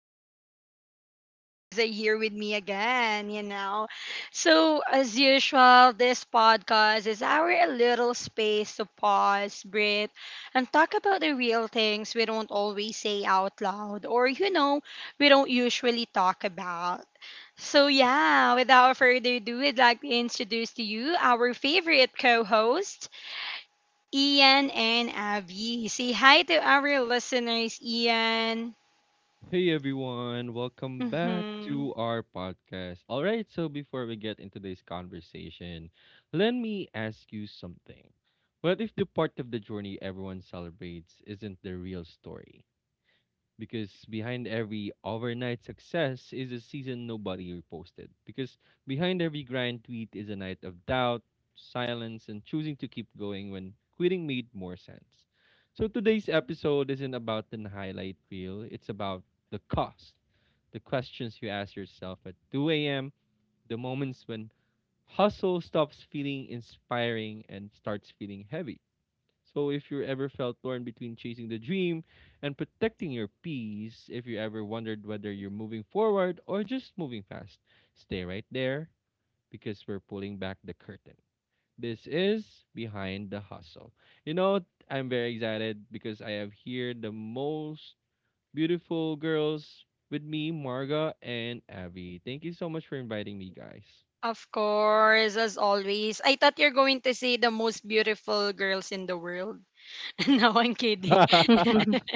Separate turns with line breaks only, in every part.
so glad that you guys are here with me again. So, as usual, this podcast is our little space to pause, breathe, and talk about the real things we don't always say out loud or we don't usually talk about. So yeah, without further ado, I'd like to introduce to you our favorite co-host. Ian and Abby. Say hi to our listeners, Ian.
Hey everyone, welcome back
Mm-hmm.
to our podcast. All right, so before we get into this conversation, let me ask you something. What if the part of the journey everyone celebrates isn't the real story? Because behind every overnight success is a season nobody reposted. Because behind every grind tweet is a night of doubt, silence, and choosing to keep going when quitting made more sense. So today's episode isn't about the highlight reel, it's about the cost, the questions you ask yourself at 2 a.m., the moments when hustle stops feeling inspiring and starts feeling heavy. So if you ever felt torn between chasing the dream and protecting your peace, if you ever wondered whether you're moving forward or just moving fast, stay right there because we're pulling back the curtain. This is Behind the Hustle. You know, I'm very excited because I have here the most beautiful girls with me, Marga and Abby. Thank you so much for inviting me, guys.
Of course, as always. I thought you're going to say the most beautiful girls in the world. No, I'm kidding.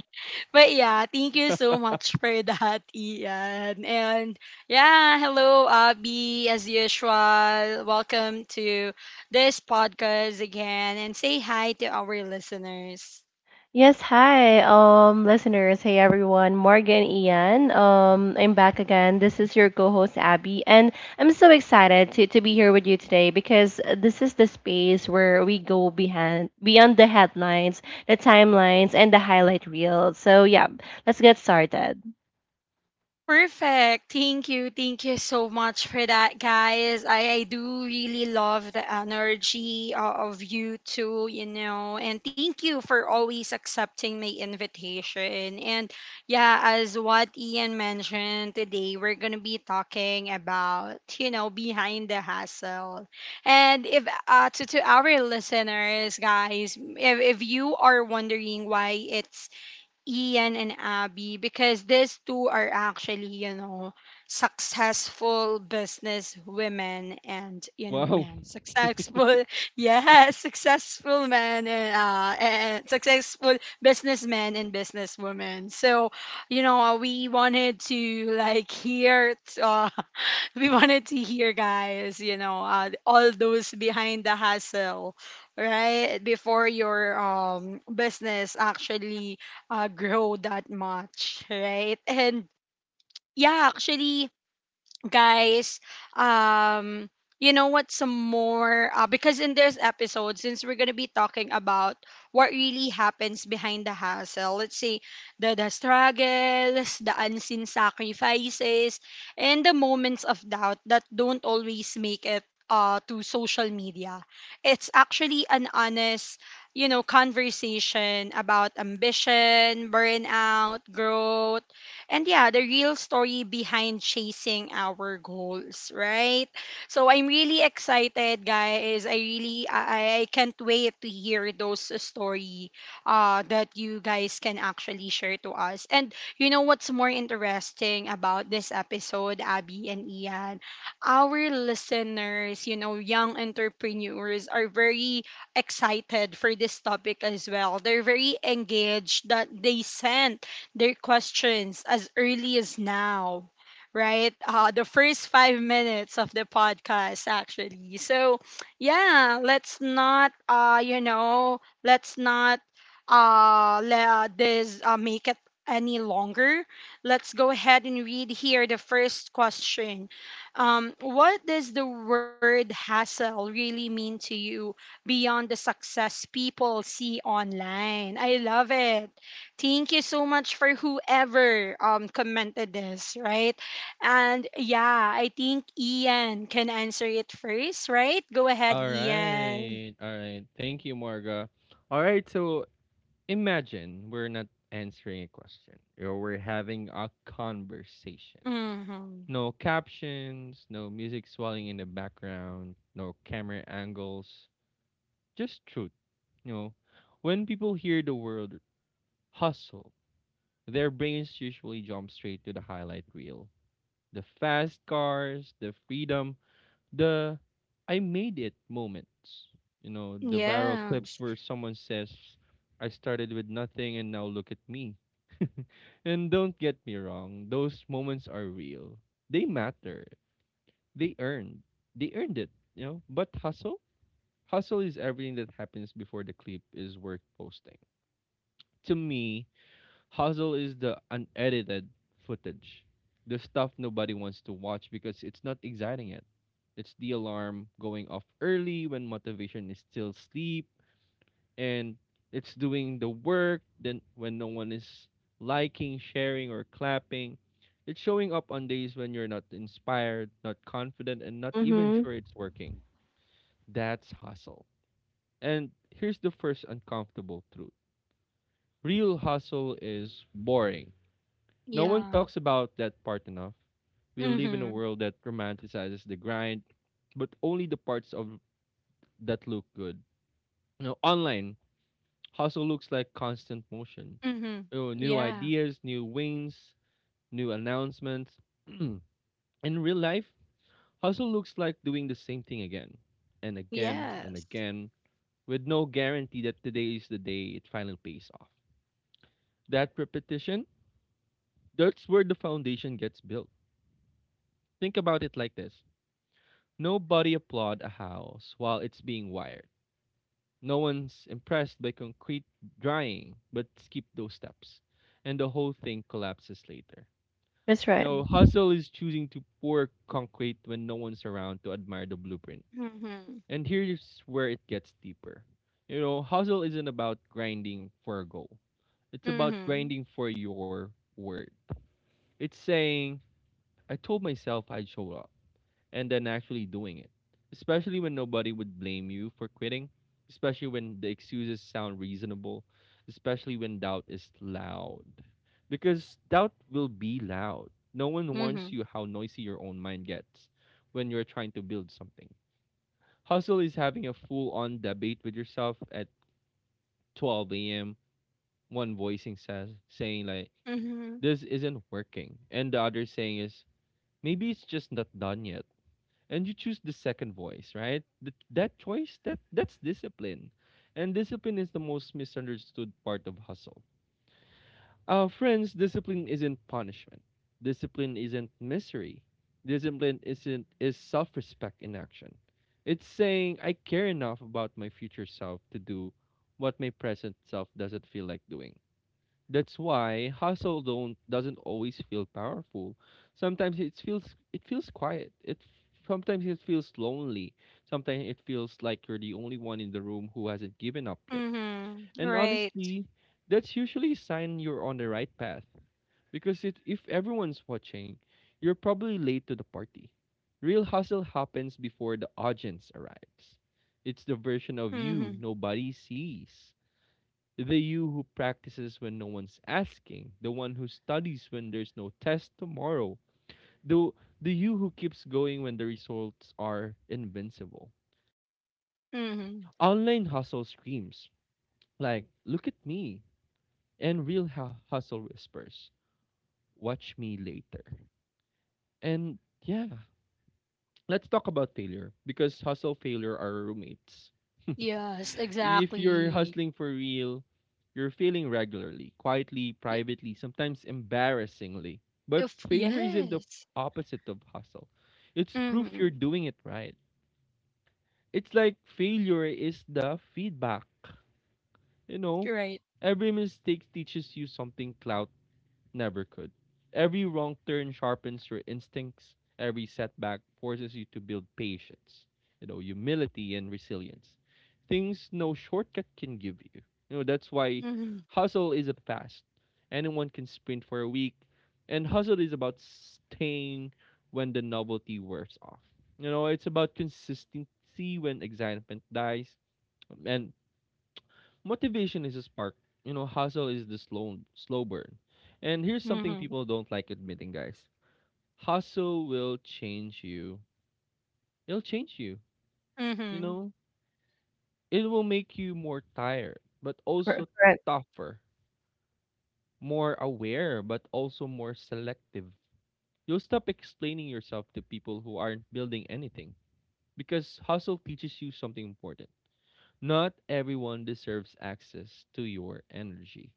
But yeah, thank you so much for that, Ian. And yeah, hello, Abby. As usual, welcome to this podcast again and say hi to our listeners.
Yes, hi, listeners. Hey, everyone. Morgan, Ian. I'm back again. This is your co-host Abby, and I'm so excited to be here with you today because this is the space where we go behind beyond the headlines, the timelines, and the highlight reels. So yeah, let's get started.
Perfect. Thank you. Thank you so much for that, guys. I do really love the energy of you two. And thank you for always accepting my invitation. And yeah, as what Ian mentioned today, we're going to be talking about behind the hustle. And if to our listeners, guys, if you are wondering why it's Ian and Abby, because these two are actually, successful business women and, you know,
Wow.
men. Successful, yeah, successful men and successful businessmen and businesswomen. So, we wanted to like hear, uh, we wanted to hear, guys, all those behind the hustle, right? Before your business actually grow that much, right? And yeah, actually, guys, um you know what some more, because in this episode, since we're going to be talking about what really happens behind the hustle, let's say the struggles, the unseen sacrifices, and the moments of doubt that don't always make it to social media. It's actually an honest conversation about ambition, burnout, growth, and yeah, the real story behind chasing our goals, right? So I'm really excited, guys. I can't wait to hear those story that you guys can actually share to us. And you know what's more interesting about this episode, Abby and Ian? Our listeners, young entrepreneurs, are very excited for this topic as well. They're very engaged that they sent their questions as early as now, right? The first 5 minutes of the podcast, actually. So, yeah, let's not let this make it any longer. Let's go ahead and read here the first question. What does the word hassle really mean to you beyond the success people see online? I love it. Thank you so much for whoever commented this, right? And yeah, I think Ian can answer it first, right? Go ahead,
All
Ian.
right. All right. Thank you, Marga. All right. So imagine we're not answering a question or we're having a conversation.
Mhm.
No captions, no music swelling in the background, no camera angles, just truth. You know, when people hear the word hustle, their brains usually jump straight to the highlight reel. The fast cars, the freedom, the I made it moments. You know, the viral clips
Yes.
where someone says, I started with nothing and now look at me. And don't get me wrong, those moments are real. They matter. They earned. They earned it, you know? But hustle? Hustle is everything that happens before the clip is worth posting. To me, hustle is the unedited footage. The stuff nobody wants to watch because it's not exciting yet. It's the alarm going off early when motivation is still asleep, and it's doing the work then when no one is liking, sharing, or clapping. It's showing up on days when you're not inspired, not confident, and not even
Mm-hmm.
sure it's working. That's hustle. And here's the first uncomfortable truth: real hustle is boring. No one
Yeah.
talks about that part enough. We live in a
Mhm.
world that romanticizes the grind, but only the parts of that look good, you know, online. Hustle looks like constant motion.
Mhm.
Oh, new
Yeah.
ideas, new wins, new announcements. In real life, hustle looks like doing the same thing again and again and
Yes.
again with no guarantee that today is the day it finally pays off. That repetition, that's where the foundation gets built. Think about it like this. Nobody applaud a house while it's being wired. No one's impressed by concrete drying, but skip those steps and the whole thing collapses later.
That's
You
right.
know, hustle is choosing to pour concrete when no one's around to admire the blueprint.
Mhm.
And here's where it gets deeper. You know, hustle isn't about grinding for a goal. It's about
Mhm.
grinding for your word. It's saying, I told myself I'd show up and then actually doing it. Especially when nobody would blame you for quitting, especially when the excuses sound reasonable, especially when doubt is loud. Because doubt will be loud. No one warns
Mhm.
you how noisy your own mind gets when you're trying to build something. Hustle is having a full on debate with yourself at 12 a.m. One voicing says, saying, like,
Mhm.
this isn't working. And the other saying is, maybe it's just not done yet, and you choose the second voice, right? That choice, that's discipline. And discipline is the most misunderstood part of hustle. Friends, discipline isn't punishment, discipline isn't misery, discipline isn't is self-respect in action. It's saying I care enough about my future self to do what my present self doesn't feel like doing. That's why hustle don't doesn't always feel powerful. Sometimes it feels quiet. It sometimes it feels lonely. Sometimes it feels like you're the only one in the room who hasn't given up yet.
Mhm.
And
Right.
honestly, that's usually a sign you're on the right path. Because if everyone's watching, you're probably late to the party. Real hustle happens before the audience arrives. It's the version of you
Mhm.
nobody sees. The you who practices when no one's asking, the one who studies when there's no test tomorrow, the, the you who keeps going when the results are invincible.
Mhm.
Online hustle screams, like, look at me, and real hustle whispers, watch me later. And yeah, let's talk about failure, because hustle failure are roommates.
Yes,
If you're
exactly.
hustling for real, you're failing regularly, quietly,
Y-
privately, sometimes embarrassingly. But
If
failure isn't the
yes.
opposite of hustle. It's proof you're
Mhm.
doing it right. It's like failure is the feedback. You know,
Right.
every mistake teaches you something clout never could. Every wrong turn sharpens your instincts. Every setback forces you to build patience, you know, humility and resilience. Things no shortcut can give you. You know, that's why hustle isn't fast. Anyone can sprint for a week, and hustle is about staying when the novelty wears off. You know, it's about consistency when excitement dies, and motivation is a spark. You know, hustle is the slow slow burn. And here's something
Mhm.
people don't like admitting, guys. Hustle will change you. It'll change you. You
Mhm.
know, it will make you more tired, but also
Correct.
tougher, more aware, but also more selective. You'll stop explaining yourself to people who aren't building anything because hustle teaches you something important. Not everyone deserves access to your energy.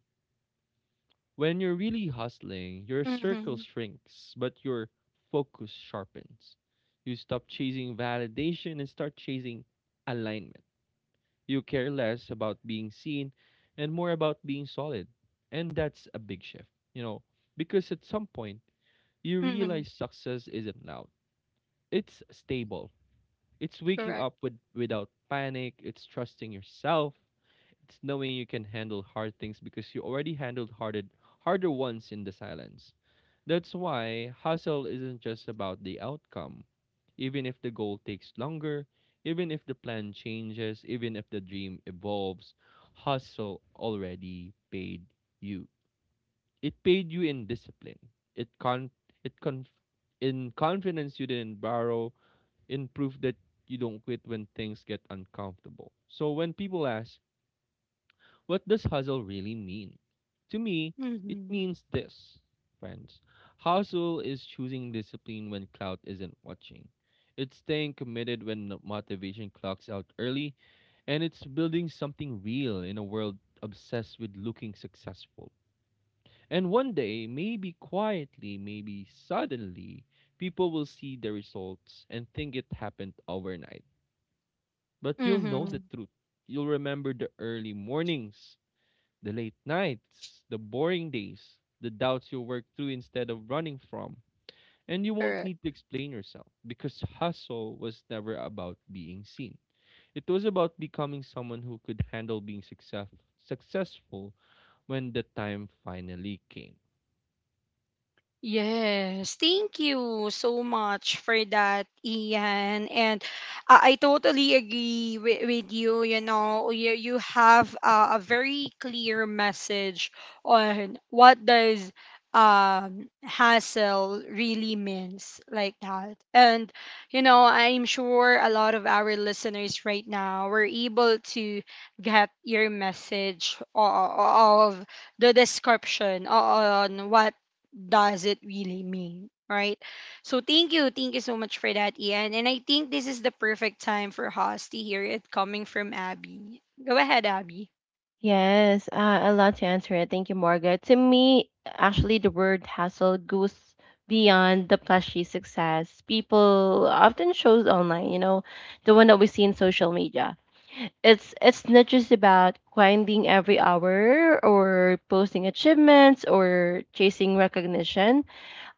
When you're really hustling, your circle
Mhm.
shrinks, but your focus sharpens. You stop chasing validation and start chasing alignment. You care less about being seen and more about being solid. And that's a big shift, you know, because at some point, you
Mhm.
realize success isn't loud, it's stable. It's
Correct.
waking up without panic, it's trusting yourself, it's knowing you can handle hard things because you already handled harder ones in the silence. That's why hustle isn't just about the outcome. Even if the goal takes longer, even if the plan changes, even if the dream evolves, hustle already paid you. It paid you in discipline. It con it con In confidence you didn't borrow, in proof that you don't quit when things get uncomfortable. So when people ask, what does hustle really mean? To me, it
Mhm.
means this, friends. Hustle is choosing discipline when clout isn't watching. It's staying committed when the motivation clocks out early, and it's building something real in a world obsessed with looking successful. And one day, maybe quietly, maybe suddenly, people will see the results and think it happened overnight. But you'll know the
Mhm.
truth. You'll remember the early mornings, the late nights, the boring days, the doubts you work through instead of running from. And you won't
Correct.
need to explain yourself because hustle was never about being seen. It was about becoming someone who could handle being successful when the time finally came.
Yes, thank you so much for that, Ian. And I totally agree with you. You know, you have a very clear message on what does hassle really means like that. And I'm sure a lot of our listeners right now were able to get your message of the description, on what does it really mean? Right? So thank you. Thank you so much for that, Ian. And I think this is the perfect time for Haas to hear it coming from Abby. Go ahead, Abby.
Yes, I love to answer it. Thank you, Margaret. To me, actually, the word hustle goes beyond the flashy success people often shows online. You know, the one that we see in social media. It's not just about grinding every hour or posting achievements or chasing recognition.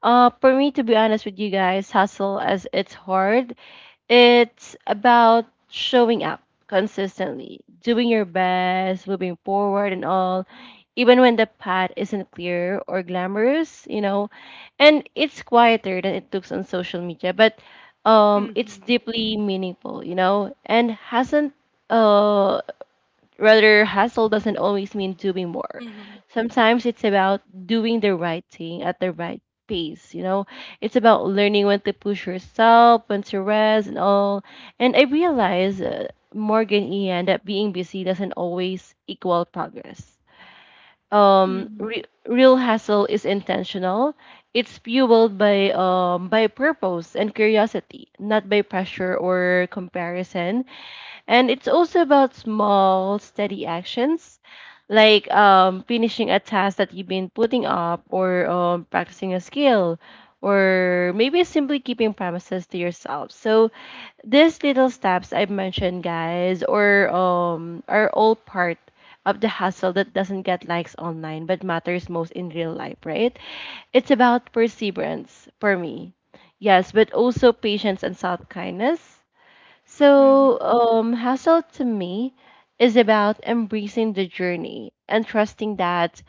For me, to be honest with you guys, hustle as it's hard it's about showing up consistently, doing your best, moving forward and all, even when the path isn't clear or glamorous, you know. And it's quieter than it looks on social media, but it's
Mm-hmm.
deeply meaningful, you know, and hasn't uh rather, hustle doesn't always mean doing more.
Mm-hmm.
Sometimes it's about doing the right thing at the right pace, you know? It's about learning when to push yourself, when to rest, and all. And I realize, Morgan Ian, that being busy doesn't always equal progress.
Mm-hmm.
Real hustle is intentional. It's fueled by purpose and curiosity, not by pressure or comparison. And it's also about small, steady actions like finishing a task that you've been putting up, or practicing a skill, or maybe simply keeping promises to yourself. So, these little steps I've mentioned, guys, or are all part of the hustle that doesn't get likes online but matters most in real life, right? It's about perseverance for me. Yes, but also patience and self kindness.
Mm-hmm.
So, hustle to me is about embracing the journey and trusting that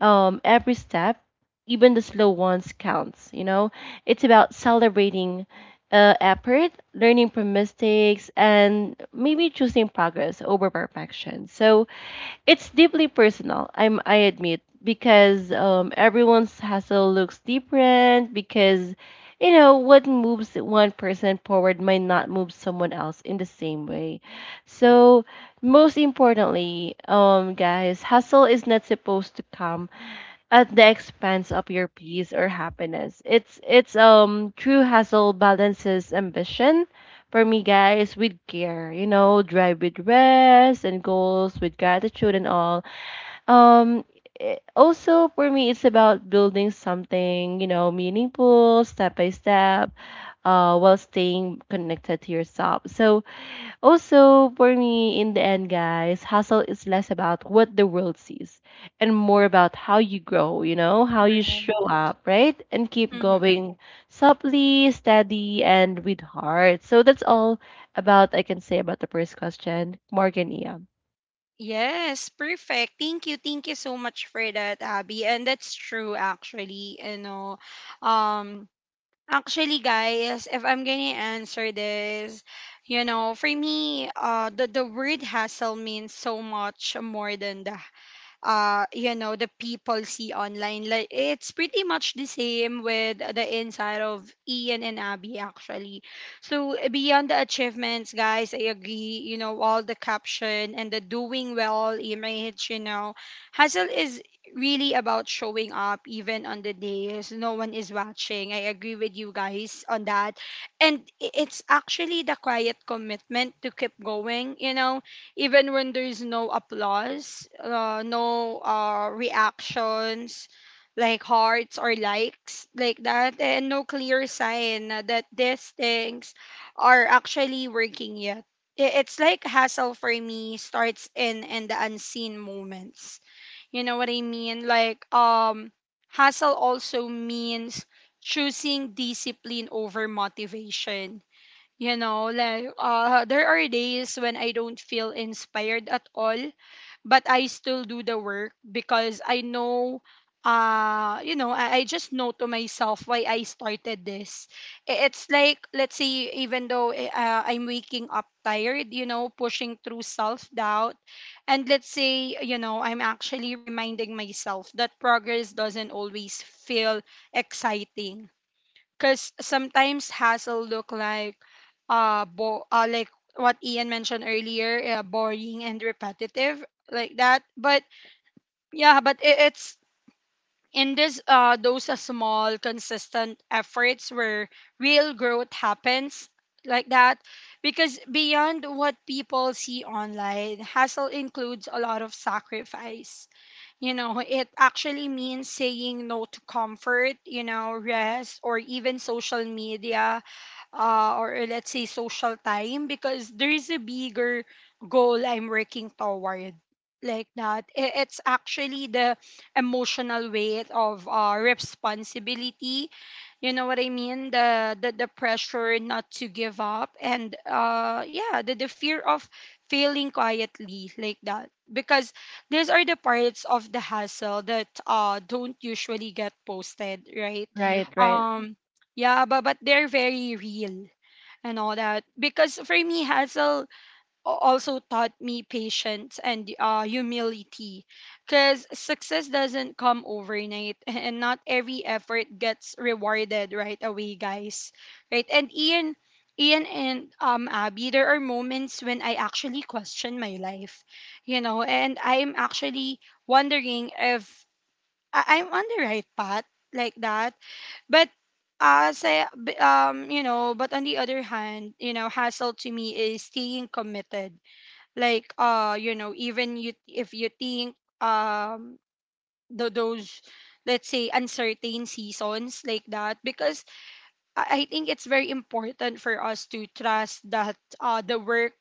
every step, even the slow ones, counts. You know, it's about celebrating effort, learning from mistakes, and maybe choosing progress over perfection. So, it's deeply personal. I admit because everyone's hustle looks different because you know what moves one person forward might not move someone else in the same way. So most importantly, guys, hustle is not supposed to come at the expense of your peace or happiness. It's true hustle balances ambition for me guys with care, you know, drive with rest and goals with gratitude and all. Um Also for me it's about building something, you know, meaningful step by step while staying connected to yourself. So also, for me, in the end, guys, hustle is less about what the world sees and more about how you grow, you know, how you
Right.
show up, right? And keep
Mm-hmm.
going softly, steady, and with heart. So that's all about I can say about the first question, Morgan Ia.
Yes, perfect. Thank you. Thank you so much for that, Abby. And that's true actually. Um Actually, guys, if I'm gonna answer this, for me, the word hassle means so much more than that, the people see online. Like, it's pretty much the same with the inside of Ian and Abby, actually. So beyond the achievements, guys, I agree, all the caption and the doing well image. Hustle is really about showing up even on the days no one is watching. I agree with you guys on that. And it's actually the quiet commitment to keep going, even when there's no applause, no reactions, like hearts or likes, like that, and no clear sign that these things are actually working yet. It's like hassle for me starts in the unseen moments. You know what I mean? Like, hassle also means choosing discipline over motivation, like, there are days when I don't feel inspired at all, but I still do the work because I know, I just know to myself why I started this. It's like, let's say, even though I'm waking up tired, pushing through self doubt, and let's say, I'm actually reminding myself that progress doesn't always feel exciting, because sometimes hassle look like, like what Ian mentioned earlier, boring and repetitive like that. But yeah, but it's in this those small consistent efforts where real growth happens like that. Because beyond what people see online, hassle includes a lot of sacrifice. It actually means saying no to comfort, rest, or even social media, or let's say social time, because there is a bigger goal I'm working toward like that. It's actually the emotional weight of, responsibility. You know what I mean? The pressure not to give up, and yeah, the fear of failing quietly like that. Because these are the parts of the hustle that don't usually get posted, right?
Right, right.
Um yeah, but they're very real and all that. Because for me, Hazel also taught me patience and, humility. Because success doesn't come overnight and not every effort gets rewarded right away, guys. Right? And Ian and Abby, there are moments when I actually question my life, and I'm actually wondering if I'm on the right path like that, but but on the other hand, hassle to me is staying committed. Like, even you if you think those, let's say, uncertain seasons like that, because I think it's very important for us to trust that the work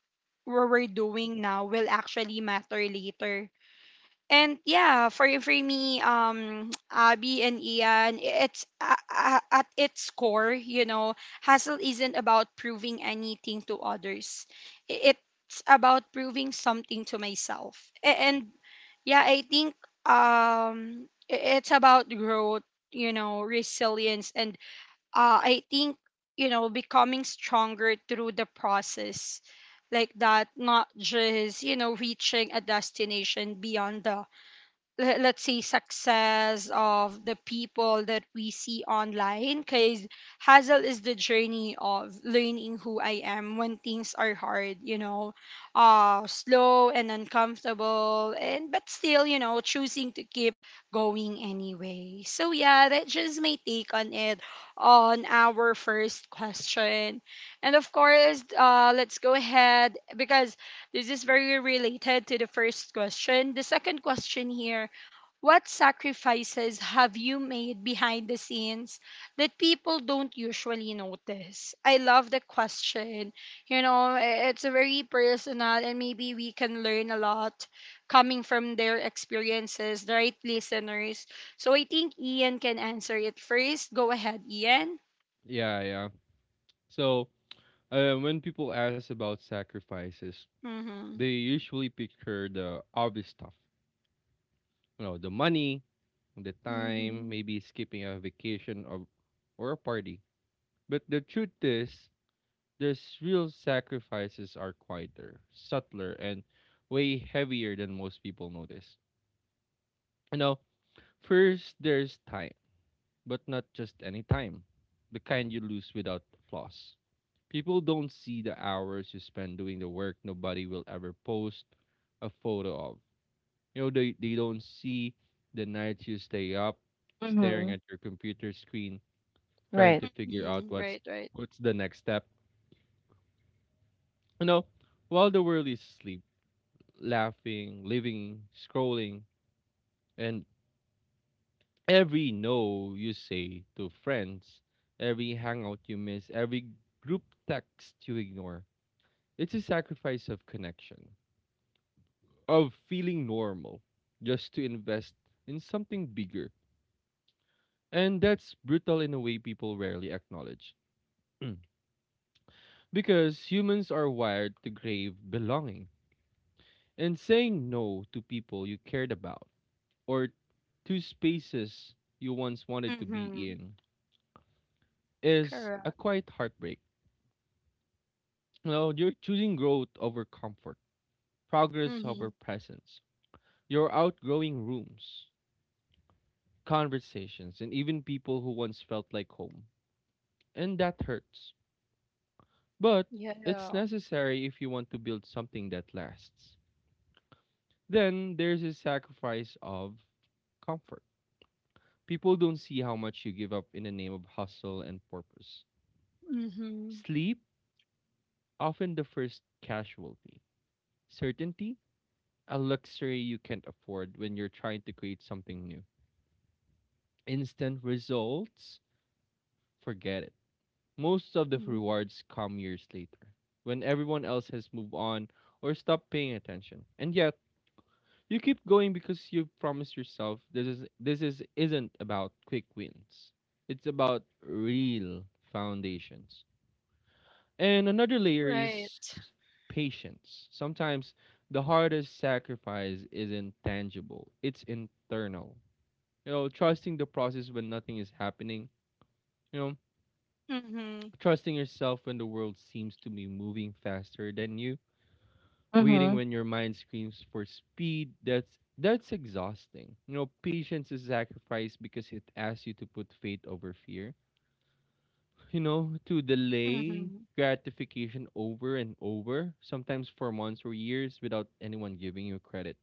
what we're doing now will actually matter later. And yeah, for me, Abby and Ian, it's, at its core, hustle isn't about proving anything to others. I- It's about proving something to myself. And yeah, I think, it's about growth, resilience, and, I think, becoming stronger through the process like that, not just reaching a destination beyond the, let's say, success of the people that we see online, because hazel is the journey of learning who I am when things are hard, slow and uncomfortable, and but still, choosing to keep going anyway. So yeah, that's just my take on it, on our first question. And of course, let's go ahead, because this is very related to the first question. The second question here: what sacrifices have you made behind the scenes that people don't usually notice? I love the question. You know, it's very personal, and maybe we can learn a lot coming from their experiences, right, listeners? So I think Ian can answer it first. Go ahead, Ian.
Yeah, yeah. So, when people ask about sacrifices,
Mm-hmm.
they usually picture the obvious stuff, you know, the money, the time,
Mm-hmm.
maybe skipping a vacation or a party. But the truth is, there's real sacrifices are quieter, subtler, and way heavier than most people notice. You know, first there's time, but not just any time, the kind you lose without loss. People don't see the hours you spend doing the work nobody will ever post a photo of. You know, they don't see the nights you stay up, staring
Mm-hmm.
at your computer screen, trying
Right.
to figure out
Hmm. Right,
what's
right.
what's the next step. You know, while the world is asleep, laughing, living, scrolling, and every no you say to friends, every hangout you miss, every group text you ignore. It's a sacrifice of connection, of feeling normal, just to invest in something bigger. And that's brutal in a way people rarely acknowledge. Mm. Because humans are wired to crave belonging. And saying no to people you cared about or to spaces you once wanted to be
Mm-hmm.
in is
Correct.
a quiet heartbreak. You know, you're choosing growth over comfort, progress
Mm-hmm.
over presence. You're outgrowing rooms, conversations, and even people who once felt like home. And that hurts. But
Yeah.
it's necessary if you want to build something that lasts. Then there's a sacrifice of comfort. People don't see how much you give up in the name of hustle and purpose.
Mm-hmm.
Sleep, often the first casualty. Certainty, a luxury you can't afford when you're trying to create something new. Instant results, forget it. Most of the
Mm-hmm.
rewards come years later, when everyone else has moved on or stopped paying attention. And yet, you keep going because you promised yourself this is isn't about quick wins. It's about real foundations. And another layer is
Right.
patience. Sometimes the hardest sacrifice isn't tangible. It's internal. You know, trusting the process when nothing is happening. You know,
Mm-hmm.
trusting yourself when the world seems to be moving faster than you. Waiting
Mm-hmm.
when your mind screams for speed, that's exhausting. You know, patience is sacrificed because it asks you to put faith over fear. You know, to delay
Mhm.
gratification over and over, sometimes for months or years without anyone giving you credit.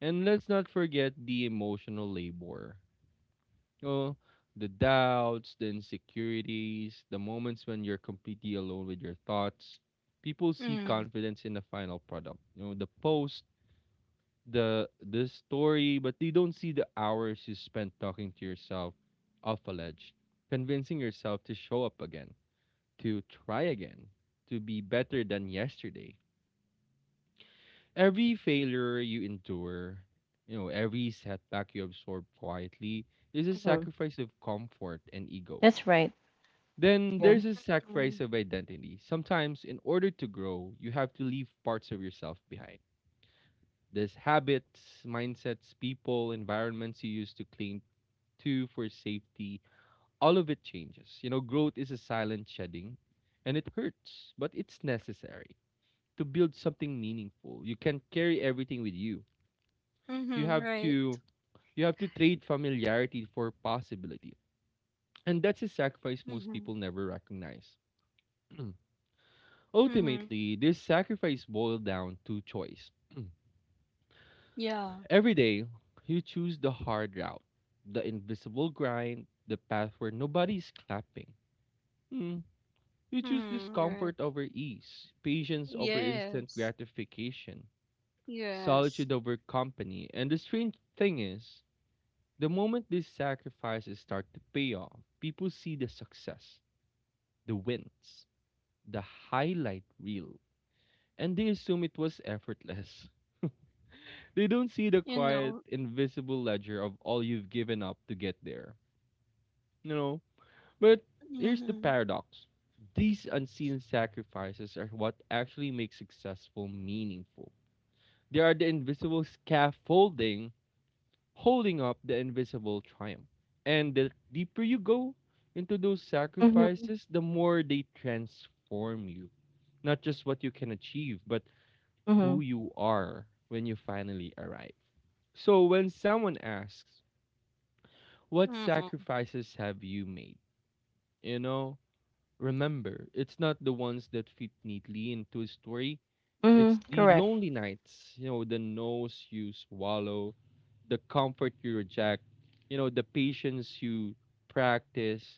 And let's not forget the emotional labor. You know, the doubts, the insecurities, the moments when you're completely alone with your thoughts. People see
Mm.
confidence in the final product. You know, the post, the story, but they don't see the hours you spent talking to yourself off a ledge, convincing yourself to show up again, to try again, to be better than yesterday. Every failure you endure, you know, every setback you absorb quietly is a
Mm-hmm.
sacrifice of comfort and ego.
That's right.
Then
Yeah.
there's a
Mm.
sacrifice of identity. Sometimes, in order to grow, you have to leave parts of yourself behind. There's habits, mindsets, people, environments you used to cling to for safety. All of it changes. You know, growth is a silent shedding, and it hurts, but it's necessary to build something meaningful. You can't carry everything with you. You
Mhm.
have
Right.
to you have to trade familiarity for possibility. And that's a sacrifice most
Mhm.
people never recognize.
Mhm.
Ultimately, this sacrifice boiled down to choice.
Yeah.
Every day, you choose the hard route, the invisible grind, the path where nobody's clapping. Hmm. You choose
Mhm.
discomfort
Right.
over ease, patience over instant
Yes.
gratification, solitude
Yes.
over company. And the strange thing is, the moment these sacrifices start to pay off, people see the success, the wins, the highlight reel, and they assume it was effortless. They don't see the
You
quiet,
know.
invisible ledger of all you've given up to get there. you know. But here's the
Mhm.
paradox. These unseen sacrifices are what actually make successful meaningful. They are the invisible scaffolding holding up the invisible triumph. And the deeper you go into those
Mm-hmm.
sacrifices, the more they transform you. Not just what you can achieve, but who
Mm-hmm.
you are when you finally arrive. So when someone asks, what
Mhm.
sacrifices have you made? You know, Remember, it's not the ones that fit neatly into a story. It's
Mm-hmm.
the
Correct.
lonely nights, you know, the nose you swallow, the comfort you reject, you know, the patience you practice,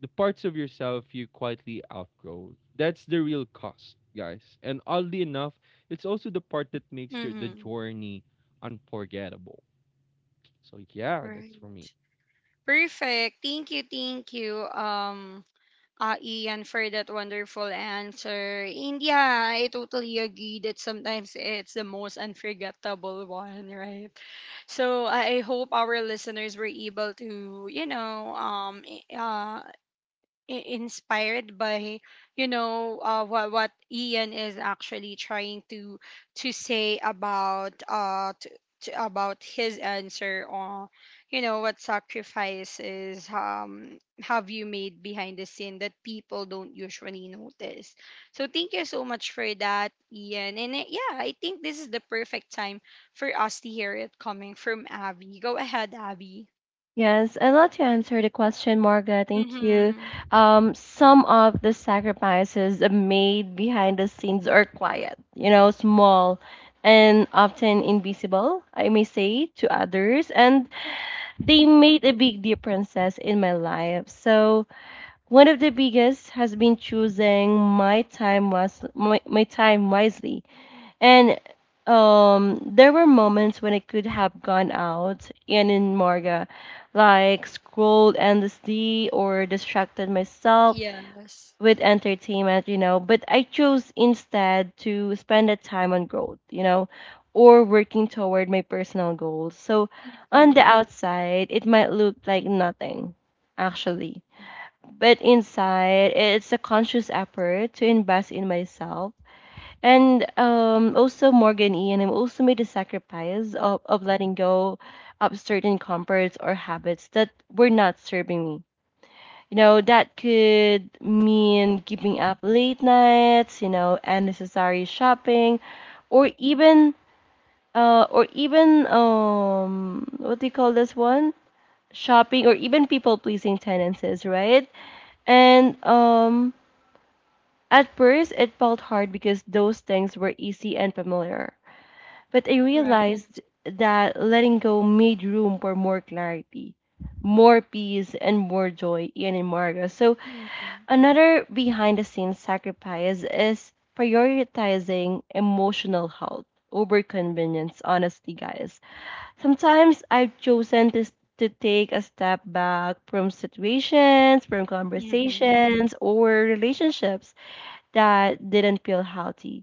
the parts of yourself you quietly outgrow. That's the real cost, guys. And oddly enough, it's also the part that makes your the
Mhm.
journey unforgettable. So yeah, that's
Right.
for me.
Perfect. Thank you. Thank you. Ian, for that wonderful answer. And yeah, I totally agree that sometimes it's the most unforgettable one, right? So I hope our listeners were able to, i- inspired by what Ian is actually trying to say about, about his answer on, what sacrifices have you made behind the scene that people don't usually notice. So thank you so much for that, Ian, and yeah, I think this is the perfect time for us to hear it coming from Abby. Go ahead, Abby.
Yes, I'd love to answer the question, Marga. Thank you.
Mhm.
Some of the sacrifices made behind the scenes are quiet, you know, small, and often invisible, I may say, to others. And they
Mhm.
made a big differences in my life. So one of the biggest has been choosing my time was my time wisely. And there were moments when I could have gone out and in Morga, like scrolled endlessly or distracted myself
Yes.
with entertainment, you know, but I chose instead to spend that time on growth, you know, or working toward my personal goals. So on the
Mhm.
outside, it might look like nothing, actually. But inside, it's a conscious effort to invest in myself and also Morgan Ian, I've also made a sacrifice of letting go of certain comforts or habits that were not serving me. You know, that could mean giving up late nights, you know, unnecessary shopping, or even what do you call this one? Shopping or even people pleasing tendencies, right? And at first, it felt hard because those things were easy and familiar. But I
Right.
realized that letting go made room for more clarity, more peace, and more joy in Imarga. So,
Mm-hmm.
another behind the scenes sacrifice is prioritizing emotional health over convenience, honestly, guys. Sometimes I've chosen to take a step back from situations, from
Mm-hmm.
conversations, or relationships that didn't feel healthy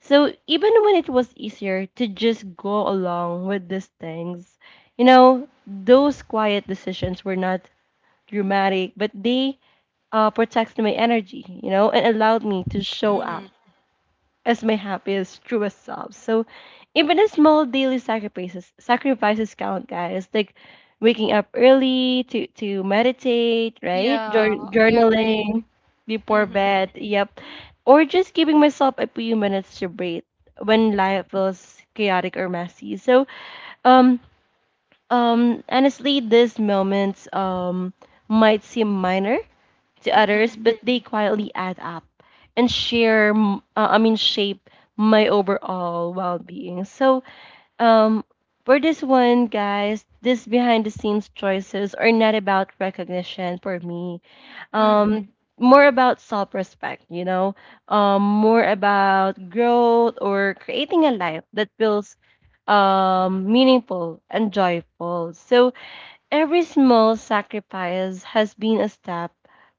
so even when it was easier to just go along with these things, you know, those quiet decisions were not dramatic, but they protected my energy, you know, and allowed me to show up
Mm-hmm.
as my happiest, truest self. So even the small daily sacrifices count, guys. Like waking up early to meditate, right?
Yeah, I agree.
Journaling before
Mm-hmm.
bed. Yep. Or just giving myself a few minutes to breathe when life feels chaotic or messy. So um honestly these moments might seem minor to others,
Mm-hmm.
but they quietly add up and share, m- I mean, shape my overall well being. So, um, for this one, guys, this behind the scenes choices are not about recognition for me.
Mm-hmm.
Um, More about self respect, you know, more about growth or creating a life that feels meaningful and joyful so every small sacrifice has been a step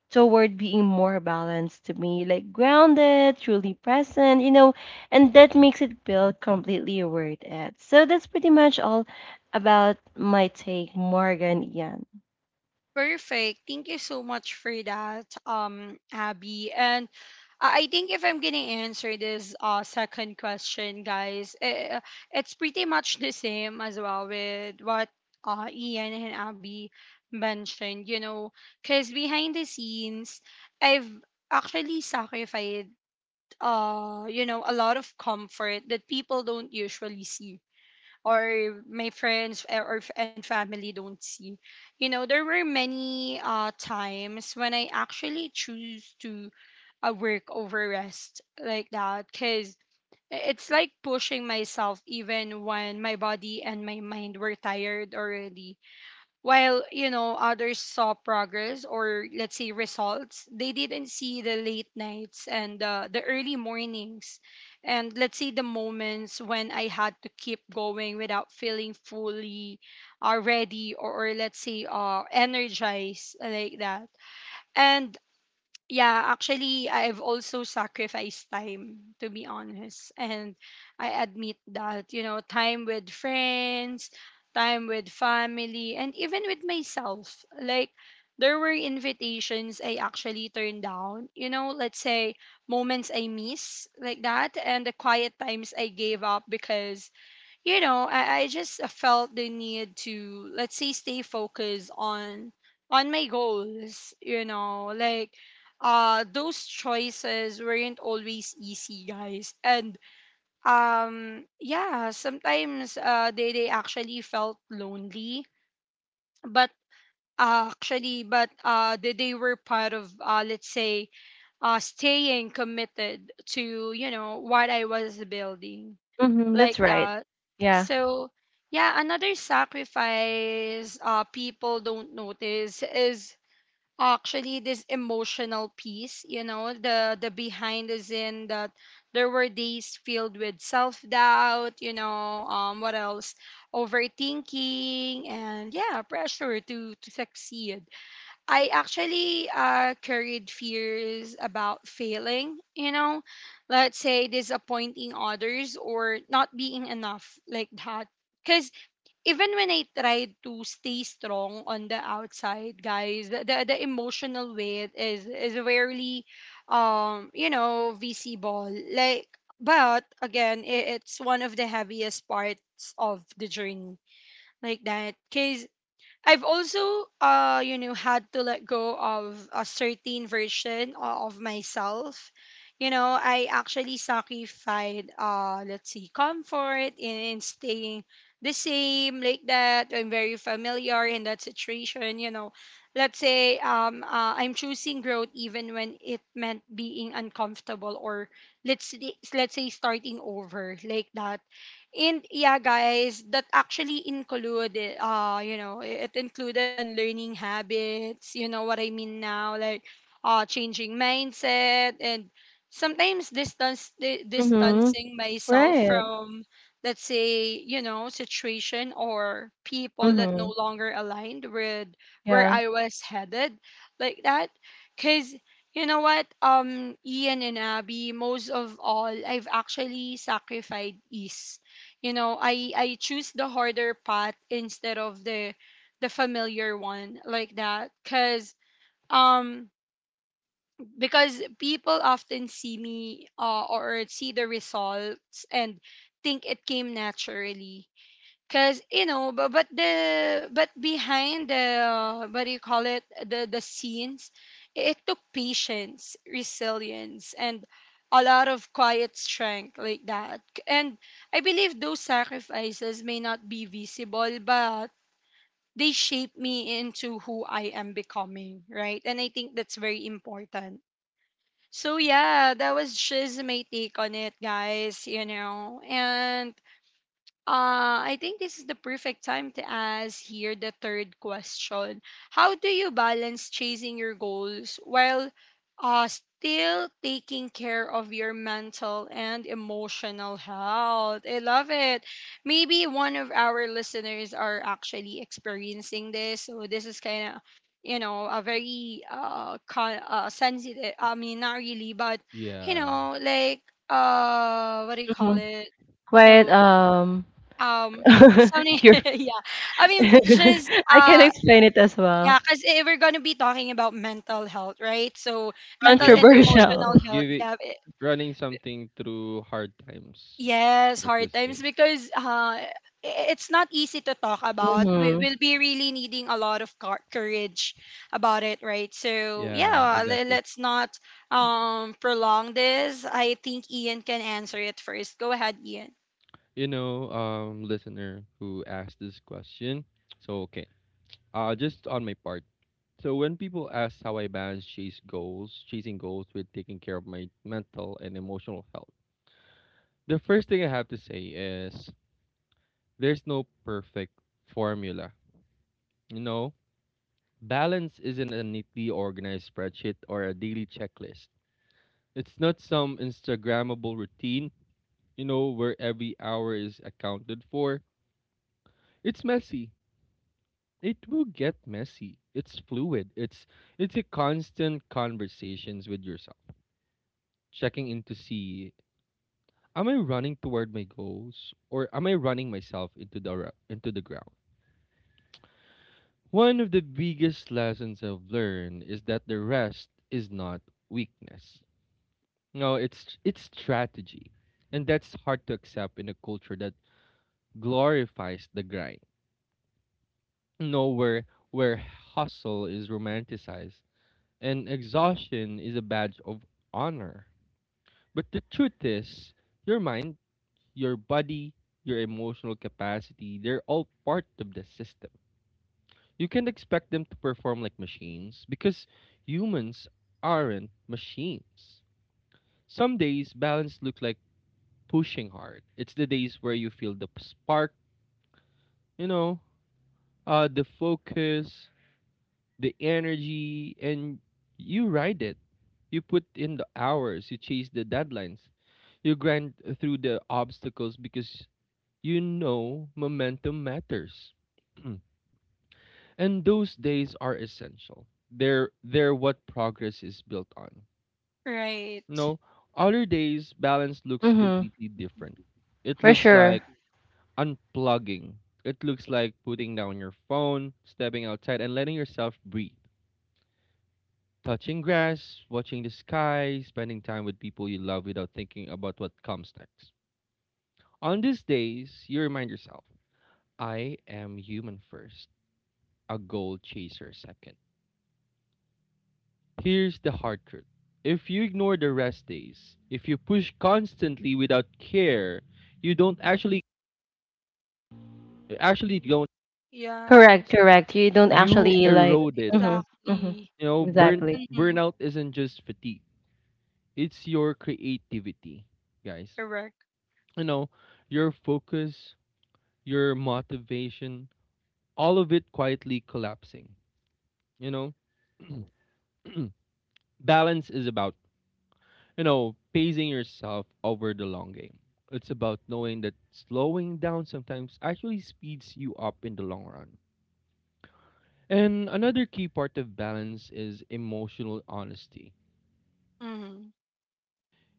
toward being more balanced to me, like grounded, truly present, you know, and that makes it feel completely worth it. So that's pretty much all about my take, Morgan Ian.
Perfect. Thank you so much for that, Abby. And I think if I'm gonna answer this second question, guys, it's pretty much the same as well with what Ian and Abby mentioned. You know, because behind the scenes, I've actually sacrificed a lot of comfort that people don't usually see or my friends and family don't see. You know, there were many times when I actually choose to work over rest, like that, because it's like pushing myself even when my body and my mind were tired already, while, you know, others saw progress or, let's say, results. They didn't see the late nights and the early mornings. And, let's say, the moments when I had to keep going without feeling fully ready, or, let's say, energized, like that. And yeah, actually, I've also sacrificed time, to be honest. And I admit that, you know, time with friends, time with family, and even with myself. Like, there were invitations I actually turned down. You know, let's say moments I miss, like that, and the quiet times I gave up, because you know I just felt the need to, let's say, stay focused on my goals, you know, like those choices weren't always easy, guys. And yeah, sometimes they actually felt lonely, but actually but they were part of, let's say, staying committed to, you know, what I was building,
Mm-hmm, that's
like
right.
that.
Yeah.
So, yeah, another sacrifice people don't notice is actually this emotional piece, you know, the behind is in that there were days filled with self-doubt, you know, um, what else? Overthinking and yeah, pressure to succeed. I actually carried fears about failing, you know, let's say disappointing others or not being enough, like that. Because even when I tried to stay strong on the outside, guys, the emotional weight is rarely, you know, visible. Like, but again, I it's one of the heaviest parts of the journey, like that. Because I've also, you know, had to let go of a certain version of myself. You know, I actually sacrificed, let's see, comfort in staying the same, like that. I'm very familiar in that situation. You know, let's say I'm choosing growth even when it meant being uncomfortable or let's say starting over, like that. And yeah, guys, that actually included, you know, it included unlearning habits. You know what I mean now, like, changing mindset, and sometimes
Mm-hmm.
distancing myself
Right.
from, let's say, you know, situation or people that
Mm-hmm.
no longer aligned with where
Yeah.
I was headed, like that, because. You know what, Ian and Abby, most of all, I've actually sacrificed ease. You know, I choose the harder path instead of the familiar one, like that, um because people often see me or see the results and think it came naturally. Cause you know, but behind the, what do you call it, the scenes, it took patience, resilience, and a lot of quiet strength, like that. And I believe those sacrifices may not be visible, but they shape me into who I am becoming, right? And I think that's very important. So yeah, that was just my take on it, guys. You know, and I think this is the perfect time to ask here the third question. How do you balance chasing your goals while still taking care of your mental and emotional health? I love it. Maybe one of our listeners are actually experiencing this. So this is kind of, you know, a very sensitive, I mean, not really, but, you
Yeah.
know, like, what do you call
Mm-hmm.
it?
Quite
Oh, um, something,
cure.
yeah. I mean, just
I can explain it as well.
yeah, because we're gonna be talking about mental health, right? So
They're
mental
just
and emotional
Controversial.
give
health.
it
Yeah,
running something through hard times.
yes,
Let's
hard
just say.
times because it's not easy to talk about. We
Mm-hmm.
will be really needing a lot of courage about it, right? So
Yeah,
yeah,
exactly.
let's not prolong this. I think Ian can answer it first. Go ahead, Ian.
Listener who asked this question. So okay, just on my part. So when people ask how I balance chasing goals with taking care of my mental and emotional health, the first thing I have to say is there's no perfect formula. You know, balance isn't a neatly organized spreadsheet or a daily checklist. It's not some Instagrammable routine, you know, where every hour is accounted for. It's messy. It will get messy. It's fluid. It's a constant conversations with yourself. Checking in to see, am I running toward my goals or am I running myself into the ground? One of the biggest lessons I've learned is that the rest is not weakness. No, it's strategy. And that's hard to accept in a culture that glorifies the grind. Nowhere where hustle is romanticized and exhaustion is a badge of honor. But the truth is, your mind, your body, your emotional capacity, they're all part of the system. You can't expect them to perform like machines because humans aren't machines. Some days balance look like pushing hard. It's the days where you feel the spark, you know, the focus, the energy, and you ride it. You put in the hours, you chase the deadlines, you grind through the obstacles because you know momentum matters. Mm. And those days are essential. They're what progress is built on.
Right.
No, other days balance looks
Mm-hmm.
completely different. It
For
looks
sure.
like unplugging. It looks like putting down your phone, stepping outside and letting yourself breathe, touching grass, watching the sky, spending time with people you love without thinking about what comes next. On these days, you remind yourself, I am human first, a goal chaser second. Here's the hard truth: if you ignore the rest days, if you push constantly without care, you don't actually actually don't
Yeah.
Correct, correct. You don't
you
actually like
erode it.
mhm. Mhm.
Exactly.
You know,
Exactly.
burnout isn't just fatigue. It's your creativity, guys.
Correct.
You know, your focus, your motivation, all of it quietly collapsing. You know, balance is about, you know, pacing yourself over the long game. It's about knowing that slowing down sometimes actually speeds you up in the long run. And another key part of balance is emotional honesty.
Mm-hmm.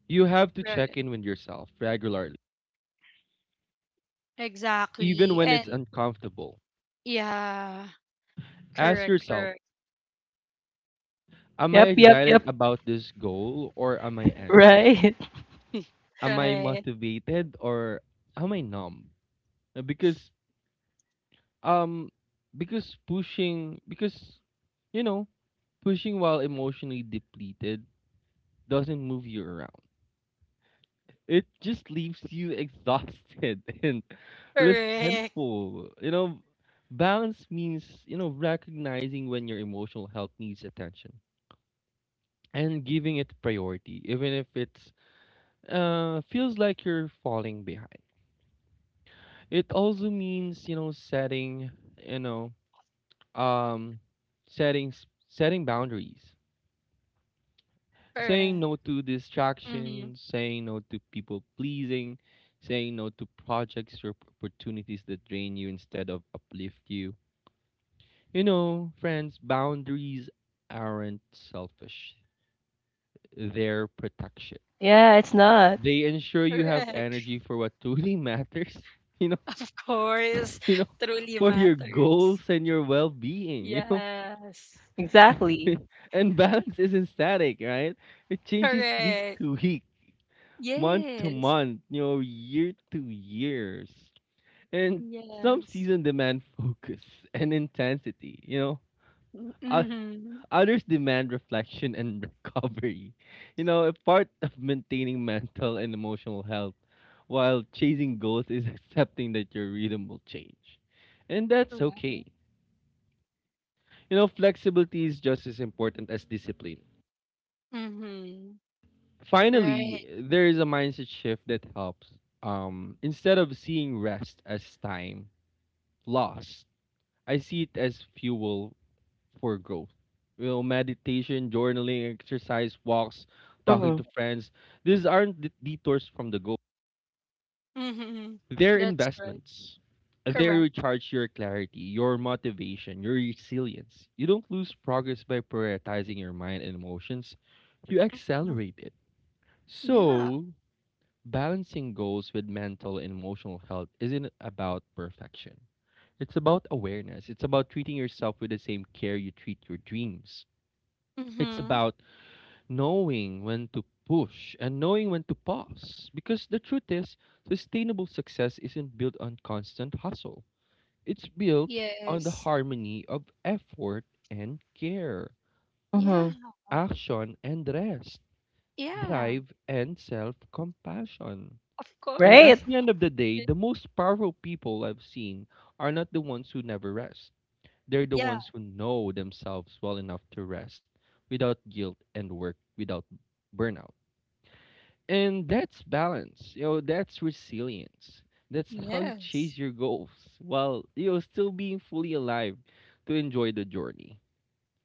You have to check
Right.
in with yourself regularly, even
Exactly.
when it's
And
uncomfortable.
yeah.
Ask
Correct.
yourself,
Correct.
am I
Yep, yep,
excited
yep.
about this goal or am I anxious?
Right.
Am I
Right.
motivated or am I numb? Uh, Because um because pushing because you know, pushing while emotionally depleted doesn't move you around. It just leaves you exhausted and
Correct.
resentful. You know, balance means, you know, recognizing when your emotional health needs attention and giving it priority even if it's feels like you're falling behind. It also means, you know, you know, um, setting boundaries, saying
Correct.
no to
Mm-hmm.
distractions, saying no to people pleasing, saying no to projects or opportunities that drain you instead of uplift you. You know, friends, boundaries aren't selfish; they're protection.
Yeah, it's not.
They ensure you have
Correct.
energy for what truly matters. You know,
Of course.
you know,
Truly
for your
matters.
goals and your well-being. You know.
Yes.
Exactly.
And balance isn't static, right? It changes week
Correct.
to week, month to
Yes.
month, you know, year to years. And some
Yes.
seasons demand focus and intensity, you know. O-
Mm-hmm.
Others demand reflection and recovery. You know, a part of maintaining mental and emotional health while chasing goals is accepting that your rhythm will change. And that's okay.
Correct.
You know, flexibility is just as important as discipline.
Mm-hmm.
Finally,
Right.
there is a mindset shift that helps. Instead of seeing rest as time lost, I see it as fuel for growth. You know, meditation, journaling, exercise, walks, talking to
Mhm.
friends. These aren't de- detours from the goal.
Mm-hmm.
They're
That's right.
investments. They
Correct.
recharge your clarity, your motivation, your resilience. You don't lose progress by prioritizing your mind and emotions. You
Mhm.
accelerate it.
Yeah.
So balancing goals with mental and emotional health isn't about perfection. It's about awareness. It's about treating yourself with the same care you treat your dreams. It's
Mm-hmm.
about knowing when to push and knowing when to pause. Because the truth is, sustainable success isn't built on constant hustle, it's built on the
Yes.
harmony of effort and care,
Mhm.
Yeah.
action and rest,
Yeah.
drive and self compassion.
Of
And at
Right.
course.
the end of the day,
Y-
the most powerful people I've seen are not the ones who never rest. They're the
Yeah.
ones who know themselves well enough to rest without guilt and work without burnout. And that's balance. You know, that's resilience. That's how you chase
Yes.
your goals while you know still being fully alive to enjoy the journey.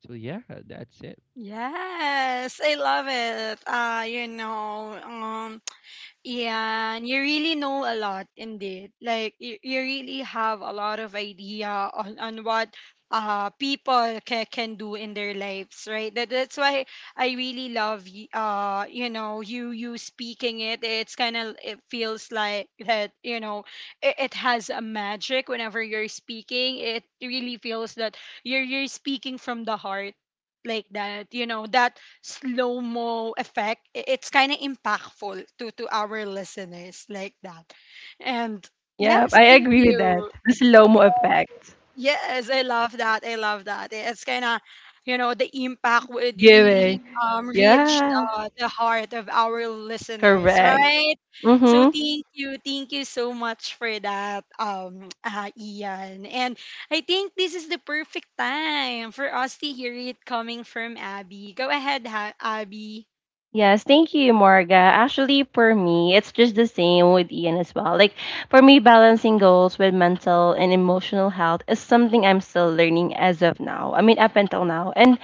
So yeah, that's it.
Yes. I love it. You know, yeah, and you really know a lot indeed. Like you really have a lot of idea on what people can do in their lives, right? That that's why I really love you know you speaking it. It's kind of, it feels like that, you know, it has a magic whenever you're speaking. It really feels that you're speaking from the heart, like that. You know that slow mo effect. It's kind of impactful to our listeners, like that. And
Yep,
yes,
I
thank
agree with that.
you.
The slow mo effect.
Yes, I love that. I love that. It's kind of, you know, the impact would really
Giving.
reach
Yeah,
the heart of our listeners,
correct.
right? So
Mhm.
thank you so much for that, Ian. And I think this is the perfect time for us to hear it coming from Abby. Go ahead, Abby.
Yes, thank you, Morga. Actually, for me, it's just the same with Ian as well. Like, for me, balancing goals with mental and emotional health is something I'm still learning as of now. I mean, up until now. And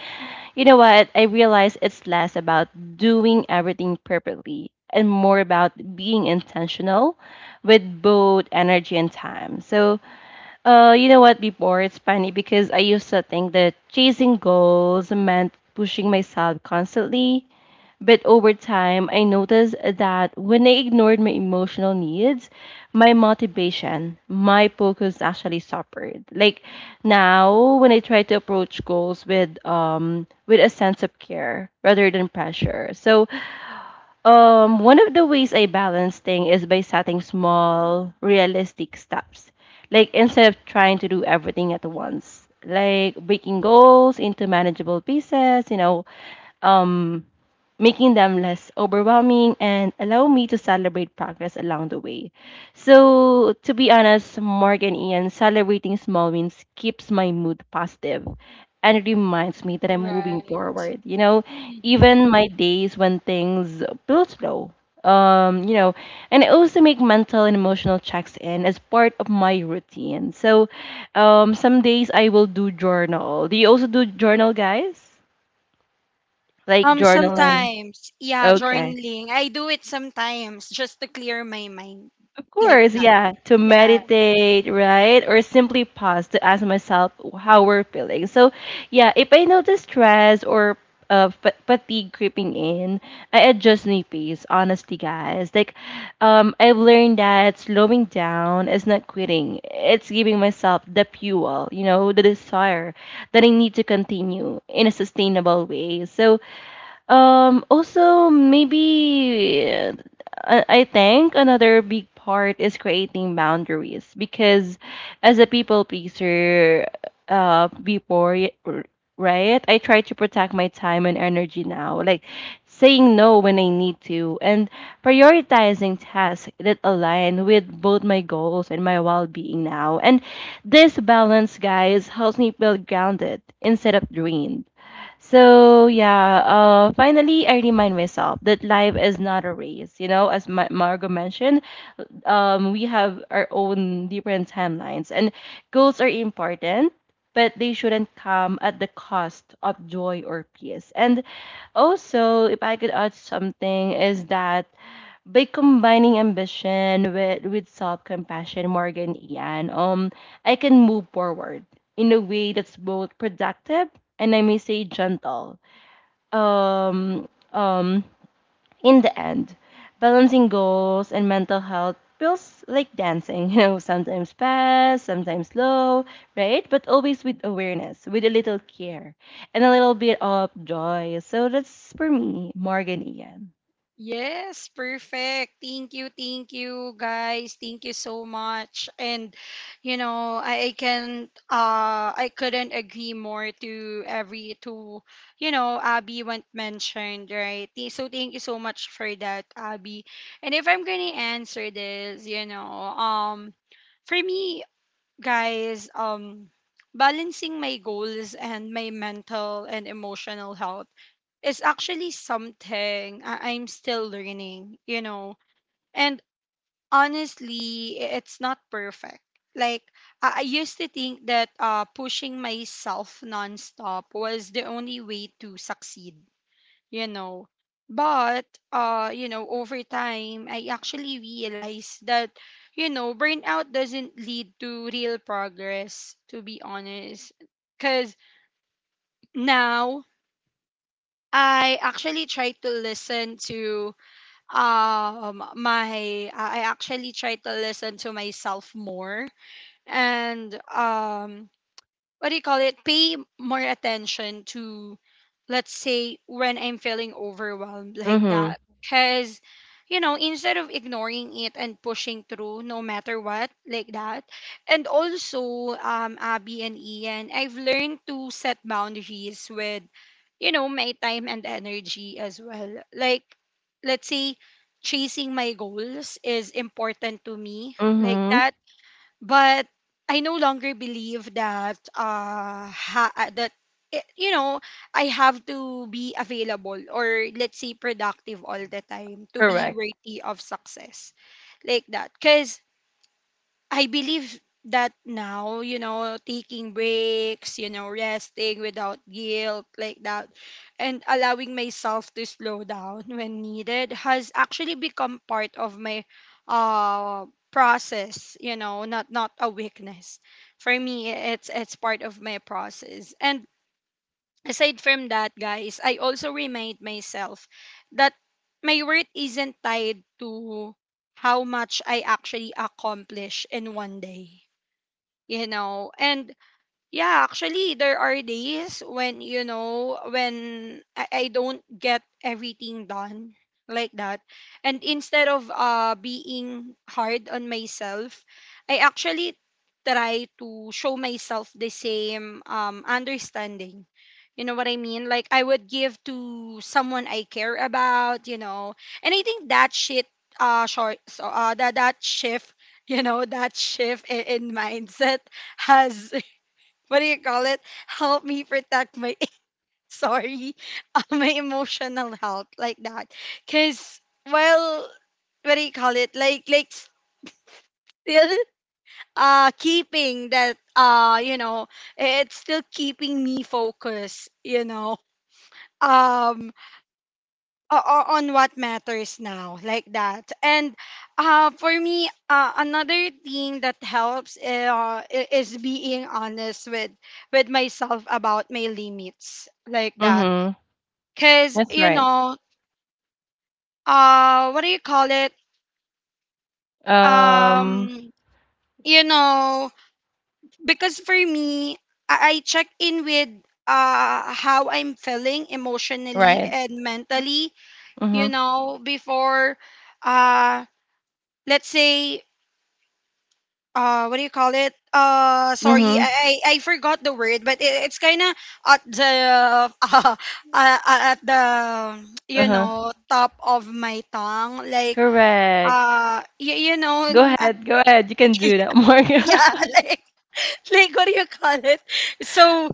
you know what? I realize it's less about doing everything perfectly and more about being intentional with both energy and time. So, you know what? Before it's funny because I used to think that chasing goals meant pushing myself constantly, but over time, I noticed that when I ignored my emotional needs, my motivation, my focus actually suffered. Like now, when I try to approach goals with a sense of care rather than pressure. So, one of the ways I balance things is by setting small, realistic steps. Like instead of trying to do everything at once, like breaking goals into manageable pieces. You know, um making them less overwhelming and allow me to celebrate progress along the way. So, to be honest, Mark and Ian celebrating small wins keeps my mood positive and it reminds me that I'm moving
Right.
forward. You know,
Hmm.
even my days when things feel slow. You know, and I also make mental and emotional checks in as part of my routine. So, some days I will do journal. Do you also do journal, guys? Like journaling?
Sometimes, yeah,
Okay.
journaling. I do it sometimes just to clear my mind,
Of
like
course,
that.
yeah, to
Yeah.
meditate, right? Or simply pause to ask myself how we're feeling. So, yeah, if I notice stress or fatigue creeping in, I adjust my pace, honestly, guys. Like, I've learned that slowing down is not quitting, it's giving myself the fuel, you know, the desire that I need to continue in a sustainable way. So, Also, maybe I I think another big part is creating boundaries because as a people pleaser, uh, before, y- r- right, I try to protect my time and energy now, like saying no when I need to and prioritizing tasks that align with both my goals and my well being now. And this balance, guys, helps me feel grounded instead of drained so yeah, finally I remind myself that life is not a race. You know, as Margo mentioned, we have our own different timelines, and goals are important, but they shouldn't come at the cost of joy or peace. And also, if I could add something, is that by combining ambition with self compassion, Morgan Ian, I can move forward in a way that's both productive and I may say gentle. Um, um, in the end, balancing goals and mental health feels like dancing, you know, sometimes fast, sometimes slow, right? But always with awareness, with a little care, and a little bit of joy. So that's for me, Morgan Ian.
Yes, perfect. Thank you, guys. Thank you so much. And you know, I can I couldn't agree more to every to, you know, Abby went mentioned, right? So thank you so much for that, Abby. And if I'm gonna answer this, you know, um, for me, guys, balancing my goals and my mental and emotional health is actually something I'm still learning, you know. And honestly, it's not perfect. Like, I used to think that pushing myself nonstop was the only way to succeed, you know. But you know, over time I actually realized that, you know, burnout doesn't lead to real progress, to be honest. Cause now I actually try to listen to my I actually try to listen to myself more, and what do you call it, pay more attention to, let's say, when I'm feeling overwhelmed, like
Mm-hmm.
that, because you know, instead of ignoring it and pushing through no matter what, like that. And also, um, Abby and Ian, I've learned to set boundaries with, you know, my time and energy as well. Like, let's say, chasing my goals is important to me, like
Mm-hmm.
that, but I no longer believe that you know, I have to be available or, let's say, productive all the time to be
Correct.
worthy of success, like that, because I believe that now, you know, taking breaks, you know, resting without guilt, like that, and allowing myself to slow down when needed has actually become part of my uh process, you know, not, not a weakness. For me, it's part of my process. And aside from that, guys, I also remind myself that my worth isn't tied to how much I actually accomplish in one day. You know, and yeah, actually, there are days when, you know, when I don't get everything done, like that. And instead of being hard on myself, I actually try to show myself the same, understanding. You know what I mean? Like, I would give to someone I care about, you know. And I think that that shift, you know, that shift in mindset has, what do you call it, help me protect my sorry, my emotional health, like that. Cause, well, what do you call it? Like, still keeping that, uh, you know, it's still keeping me focused. You know, um, on what matters now, like that. And for me, another thing that helps, is being honest with myself about my limits, like that,
Mm-hmm.
because
That's
you
right.
know, what do you call it,
Um,
um, you know, because for me I check in with how I'm feeling emotionally
right.
and mentally, you
Mm-hmm.
know, before uh, let's say, what do you call it, sorry,
Mm-hmm.
I forgot the word, but it, it's kind of at the uh, at the, you
Uh-huh.
know, top of my tongue. Like,
Correct.
you know,
Go ahead. Go ahead. You can do that, Morgan.
yeah, like, what do you call it? So,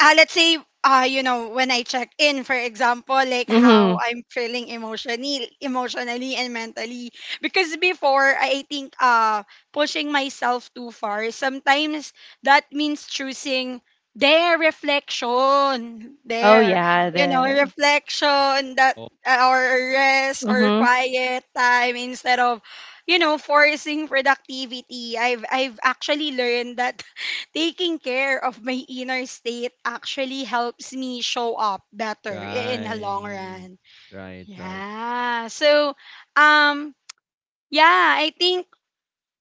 let's say, you know, when I check in, for example, like, how
mm-hmm.
I'm feeling emotionally and mentally, because before I think pushing myself too far sometimes, that means choosing their reflection,
Oh
their,
yeah,
you know,
there.
reflection, that
All
or rest or
Mm-hmm.
quiet time instead of, you know, forcing productivity. I've actually learned that taking care of my inner state actually helps me show up better in the long
right.
run.
Right, right.
Yeah. So, um, yeah, I think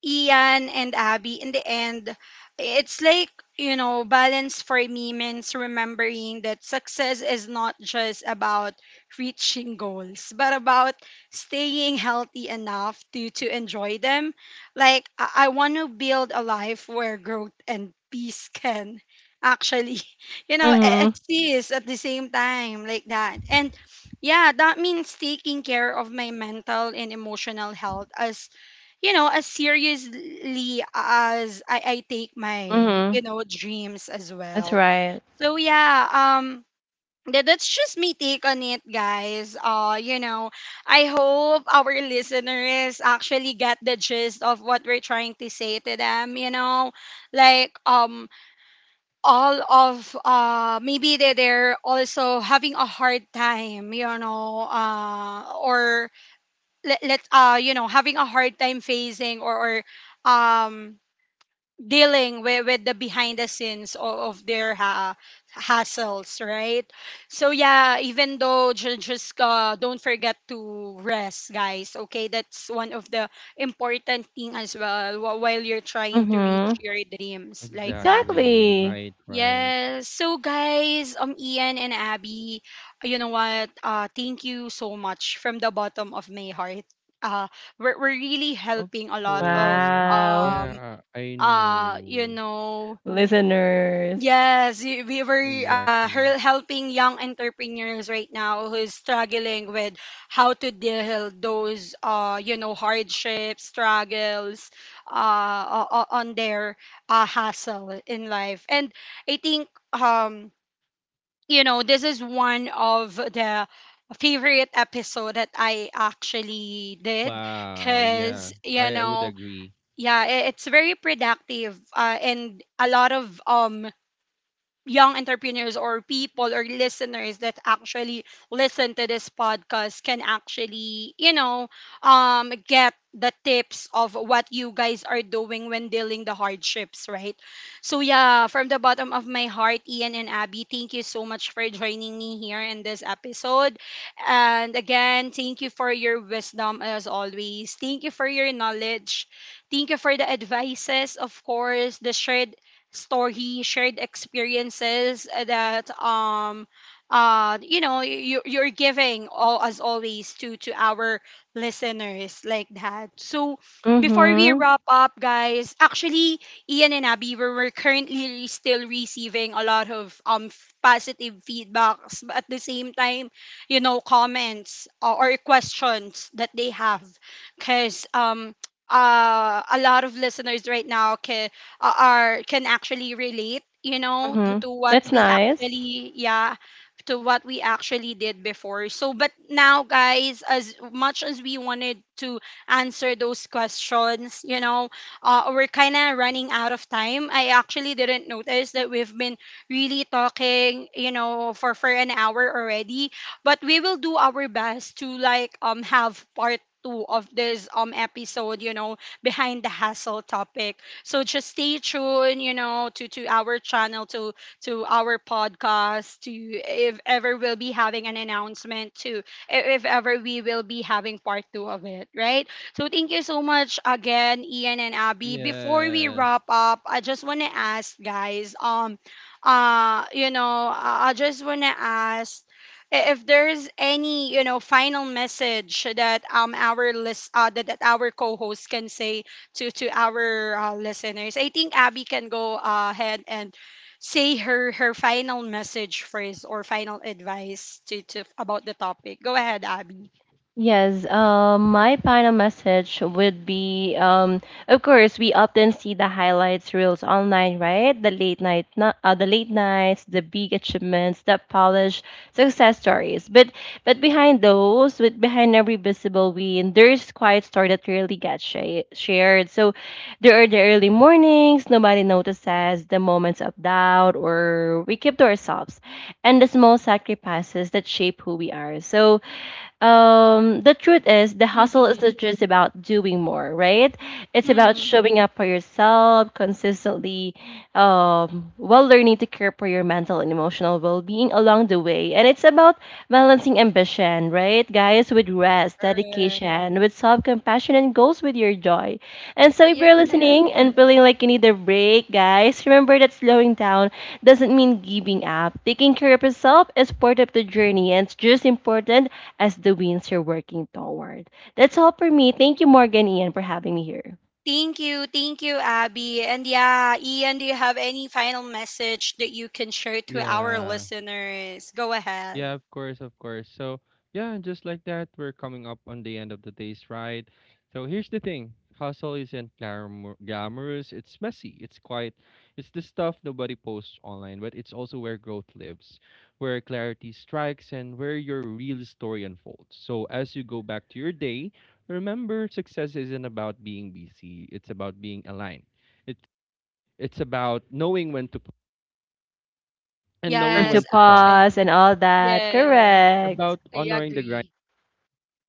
Ian and Abby, in the end, it's like, you know, balance for me means remembering that success is not just about reaching goals, but about staying healthy enough to enjoy them. Like, I want to build a life where growth and peace can actually,
Mm-hmm.
exist at the same time, like that. And yeah, that means taking care of my mental and emotional health as you know as seriously as I take my
Mhm.
you know dreams as
That's
well.
right.
So um that's just me take on it, guys, you know, I hope our listeners actually get the gist of what we're trying to say to them, you know, like all of maybe they're also having a hard time, you know, or let, let you know, having a hard time facing or um dealing with the behind the scenes of their hassles, right? So yeah, even though ju- just don't forget to rest, guys, okay? That's one of the important thing as well while you're trying to reach
Mhm.
your dreams like that.
Exactly.
Exactly.
Right, right.
Yes. So guys, Ian and Abby, you know what? Thank you so much from the bottom of my heart. Uh we're really
Of
helping a lot of
course.
Wow.
um
Yeah, I
uh you
know.
know
Listeners.
Yes, we were
Exactly.
helping young entrepreneurs right now who is struggling with how to deal those you know hardships, struggles, uh on their hustle in life. And I think, um you know, this is one of the favorite episode that I actually did,
Wow.
because
Yeah,
you
I would
know,
agree.
yeah, it's very productive, and a lot of young entrepreneurs or people or listeners that actually listen to this podcast can actually, you know, get the tips of what you guys are doing when dealing the hardships, right? So yeah, from the bottom of my heart, Ian and Abby, thank you so much for joining me here in this episode. And again, thank you for your wisdom as always. Thank you for your knowledge. Thank you for the advices, of course, the shared story, shared experiences that you know you're giving all as always to our listeners like that. So before we
Mhm.
wrap up, guys, actually Ian and Abby we're currently still receiving a lot of positive feedbacks, but at the same time, you know, comments or questions that they have, because a lot of listeners right now are can actually relate, you know,
Mhm.
to what
That's
we
nice.
actually, yeah, to what we actually did before. So but now guys, as much as we wanted to answer those questions, you know, we're kind of running out of time. I actually didn't notice that we've been really talking, you know, for an hour already, but we will do our best to like have part two of this episode, you know, behind the hassle topic. So just stay tuned, you know, to our channel, to our podcast, to if ever we'll be having an announcement, to if ever we will be having part two of it, right? So thank you so much again, Ian and Abby. Before we
Yes.
wrap up, I just want to ask, guys, you know, I just want to ask, if there's any you know final message that our that our co-host can say to our listeners. I think Abby can go ahead and say her final message phrase or final advice to about the topic. Go ahead, Abby.
Yes, my final message would be of course, we often see the highlights reels online, right? The late night, no- The late nights, the big achievements, the polished success stories. But behind those, with behind every visible win, there's quiet story that rarely gets shared. So there are the early mornings nobody notices, the moments of doubt, or we keep to ourselves, and the small sacrifices that shape who we are. So the truth is the hustle is
Mm-hmm.
not just about doing more, right? It's about
Mm-hmm.
showing up for yourself consistently, while learning to care for your mental and emotional well being along the way. And it's about balancing ambition, right, guys, with rest,
Correct.
dedication, with self compassion, and goals with your joy. And so, if
Yeah.
you're listening and feeling like you need a break, guys, remember that slowing down doesn't mean giving up. Taking care of yourself is part of the journey, and it's just important as the wins you're working toward. That's all for me. Thank you, Morgan Ian, for having me here.
Thank you. Thank you, Abby. And yeah, Ian, do you have any final message that you can share to our
Yeah.
listeners? Go ahead.
Yeah, of course, of course. So, yeah, just like that, we're coming up on the end of the day's ride. So, here's the thing: hustle isn't glamour- glamorous, it's messy, it's quiet, it's the stuff nobody posts online, but it's also where growth lives, where clarity strikes, and where your real story unfolds. So, as you go back to your day, remember success isn't about being busy, it's about being aligned. It's, it's about
When
knowing
to
Yes,
when to pause,
actually.
pause and all that.
Yes,
Correct.
about
I
honoring the grind
agree.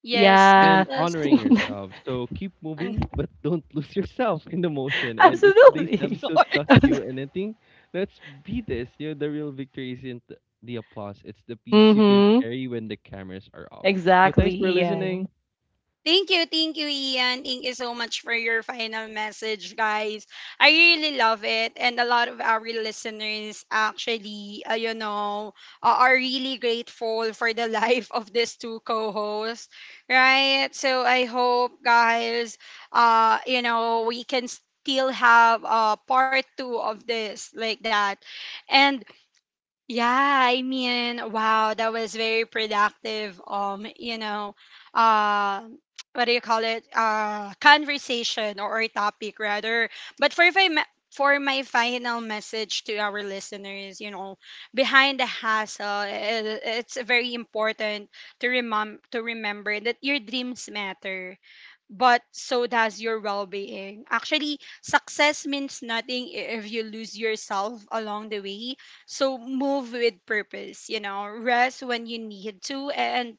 Yes,
and
Yeah.
because.
honoring yourself. So keep
I'm
moving, but don't lose yourself in the motion. And if today's
Absolutely.
episode
sorry.
taught you anything, let's be this. You know, the real victory isn't the applause, it's the peace you can
mm-hmm.
carry when the cameras are off. So thanks
Exactly,
for listening.
Ian.
Thank you, Ian. Thank you so much for your final message, guys. I really love it, and a lot of our listeners actually, you know, are really grateful for the life of these two co-hosts, right? So I hope, guys, you know, we can still have part two of this like that, and yeah, I mean, wow, that was very productive. You know, uh, what do you call it? Conversation, or topic rather. But for for my final message to our listeners, you know, behind the hassle, it's very important to to remember that your dreams matter, but so does your well-being. Actually, success means nothing if you lose yourself along the way. So move with purpose, you know, rest when you need to, and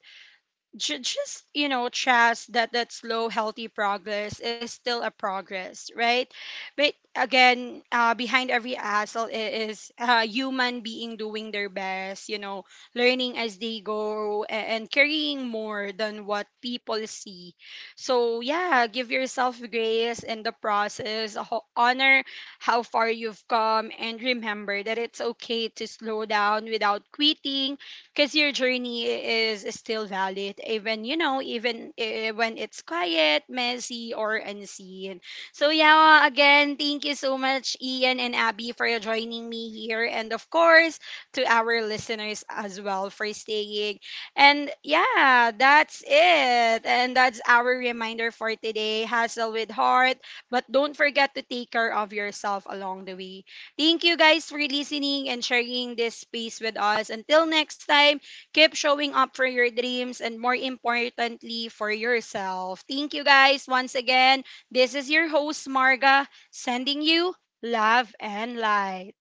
ju- just you know trust that slow healthy progress is still a progress, right? But again, behind every hassle is human being doing their best, you know, learning as they go, and carrying more than what people see. So yeah, give yourself grace in the process, honor how far you've come, and remember that it's okay to slow down without quitting, because your journey is still valid, even you know even when it's quiet, messy, or unseen. So yeah, again, thank you so much, Ian and Abby, for joining me here, and of course, to our listeners as well for staying. And yeah, that's it, and that's our reminder for today: hustle with heart, but don't forget to take care of yourself along the way. Thank you, guys, for listening and sharing this space with us. Until next time, keep showing up for your dreams, and more importantly, for yourself. Thank you, guys, once again. This is your host, Marga, sending you love and light.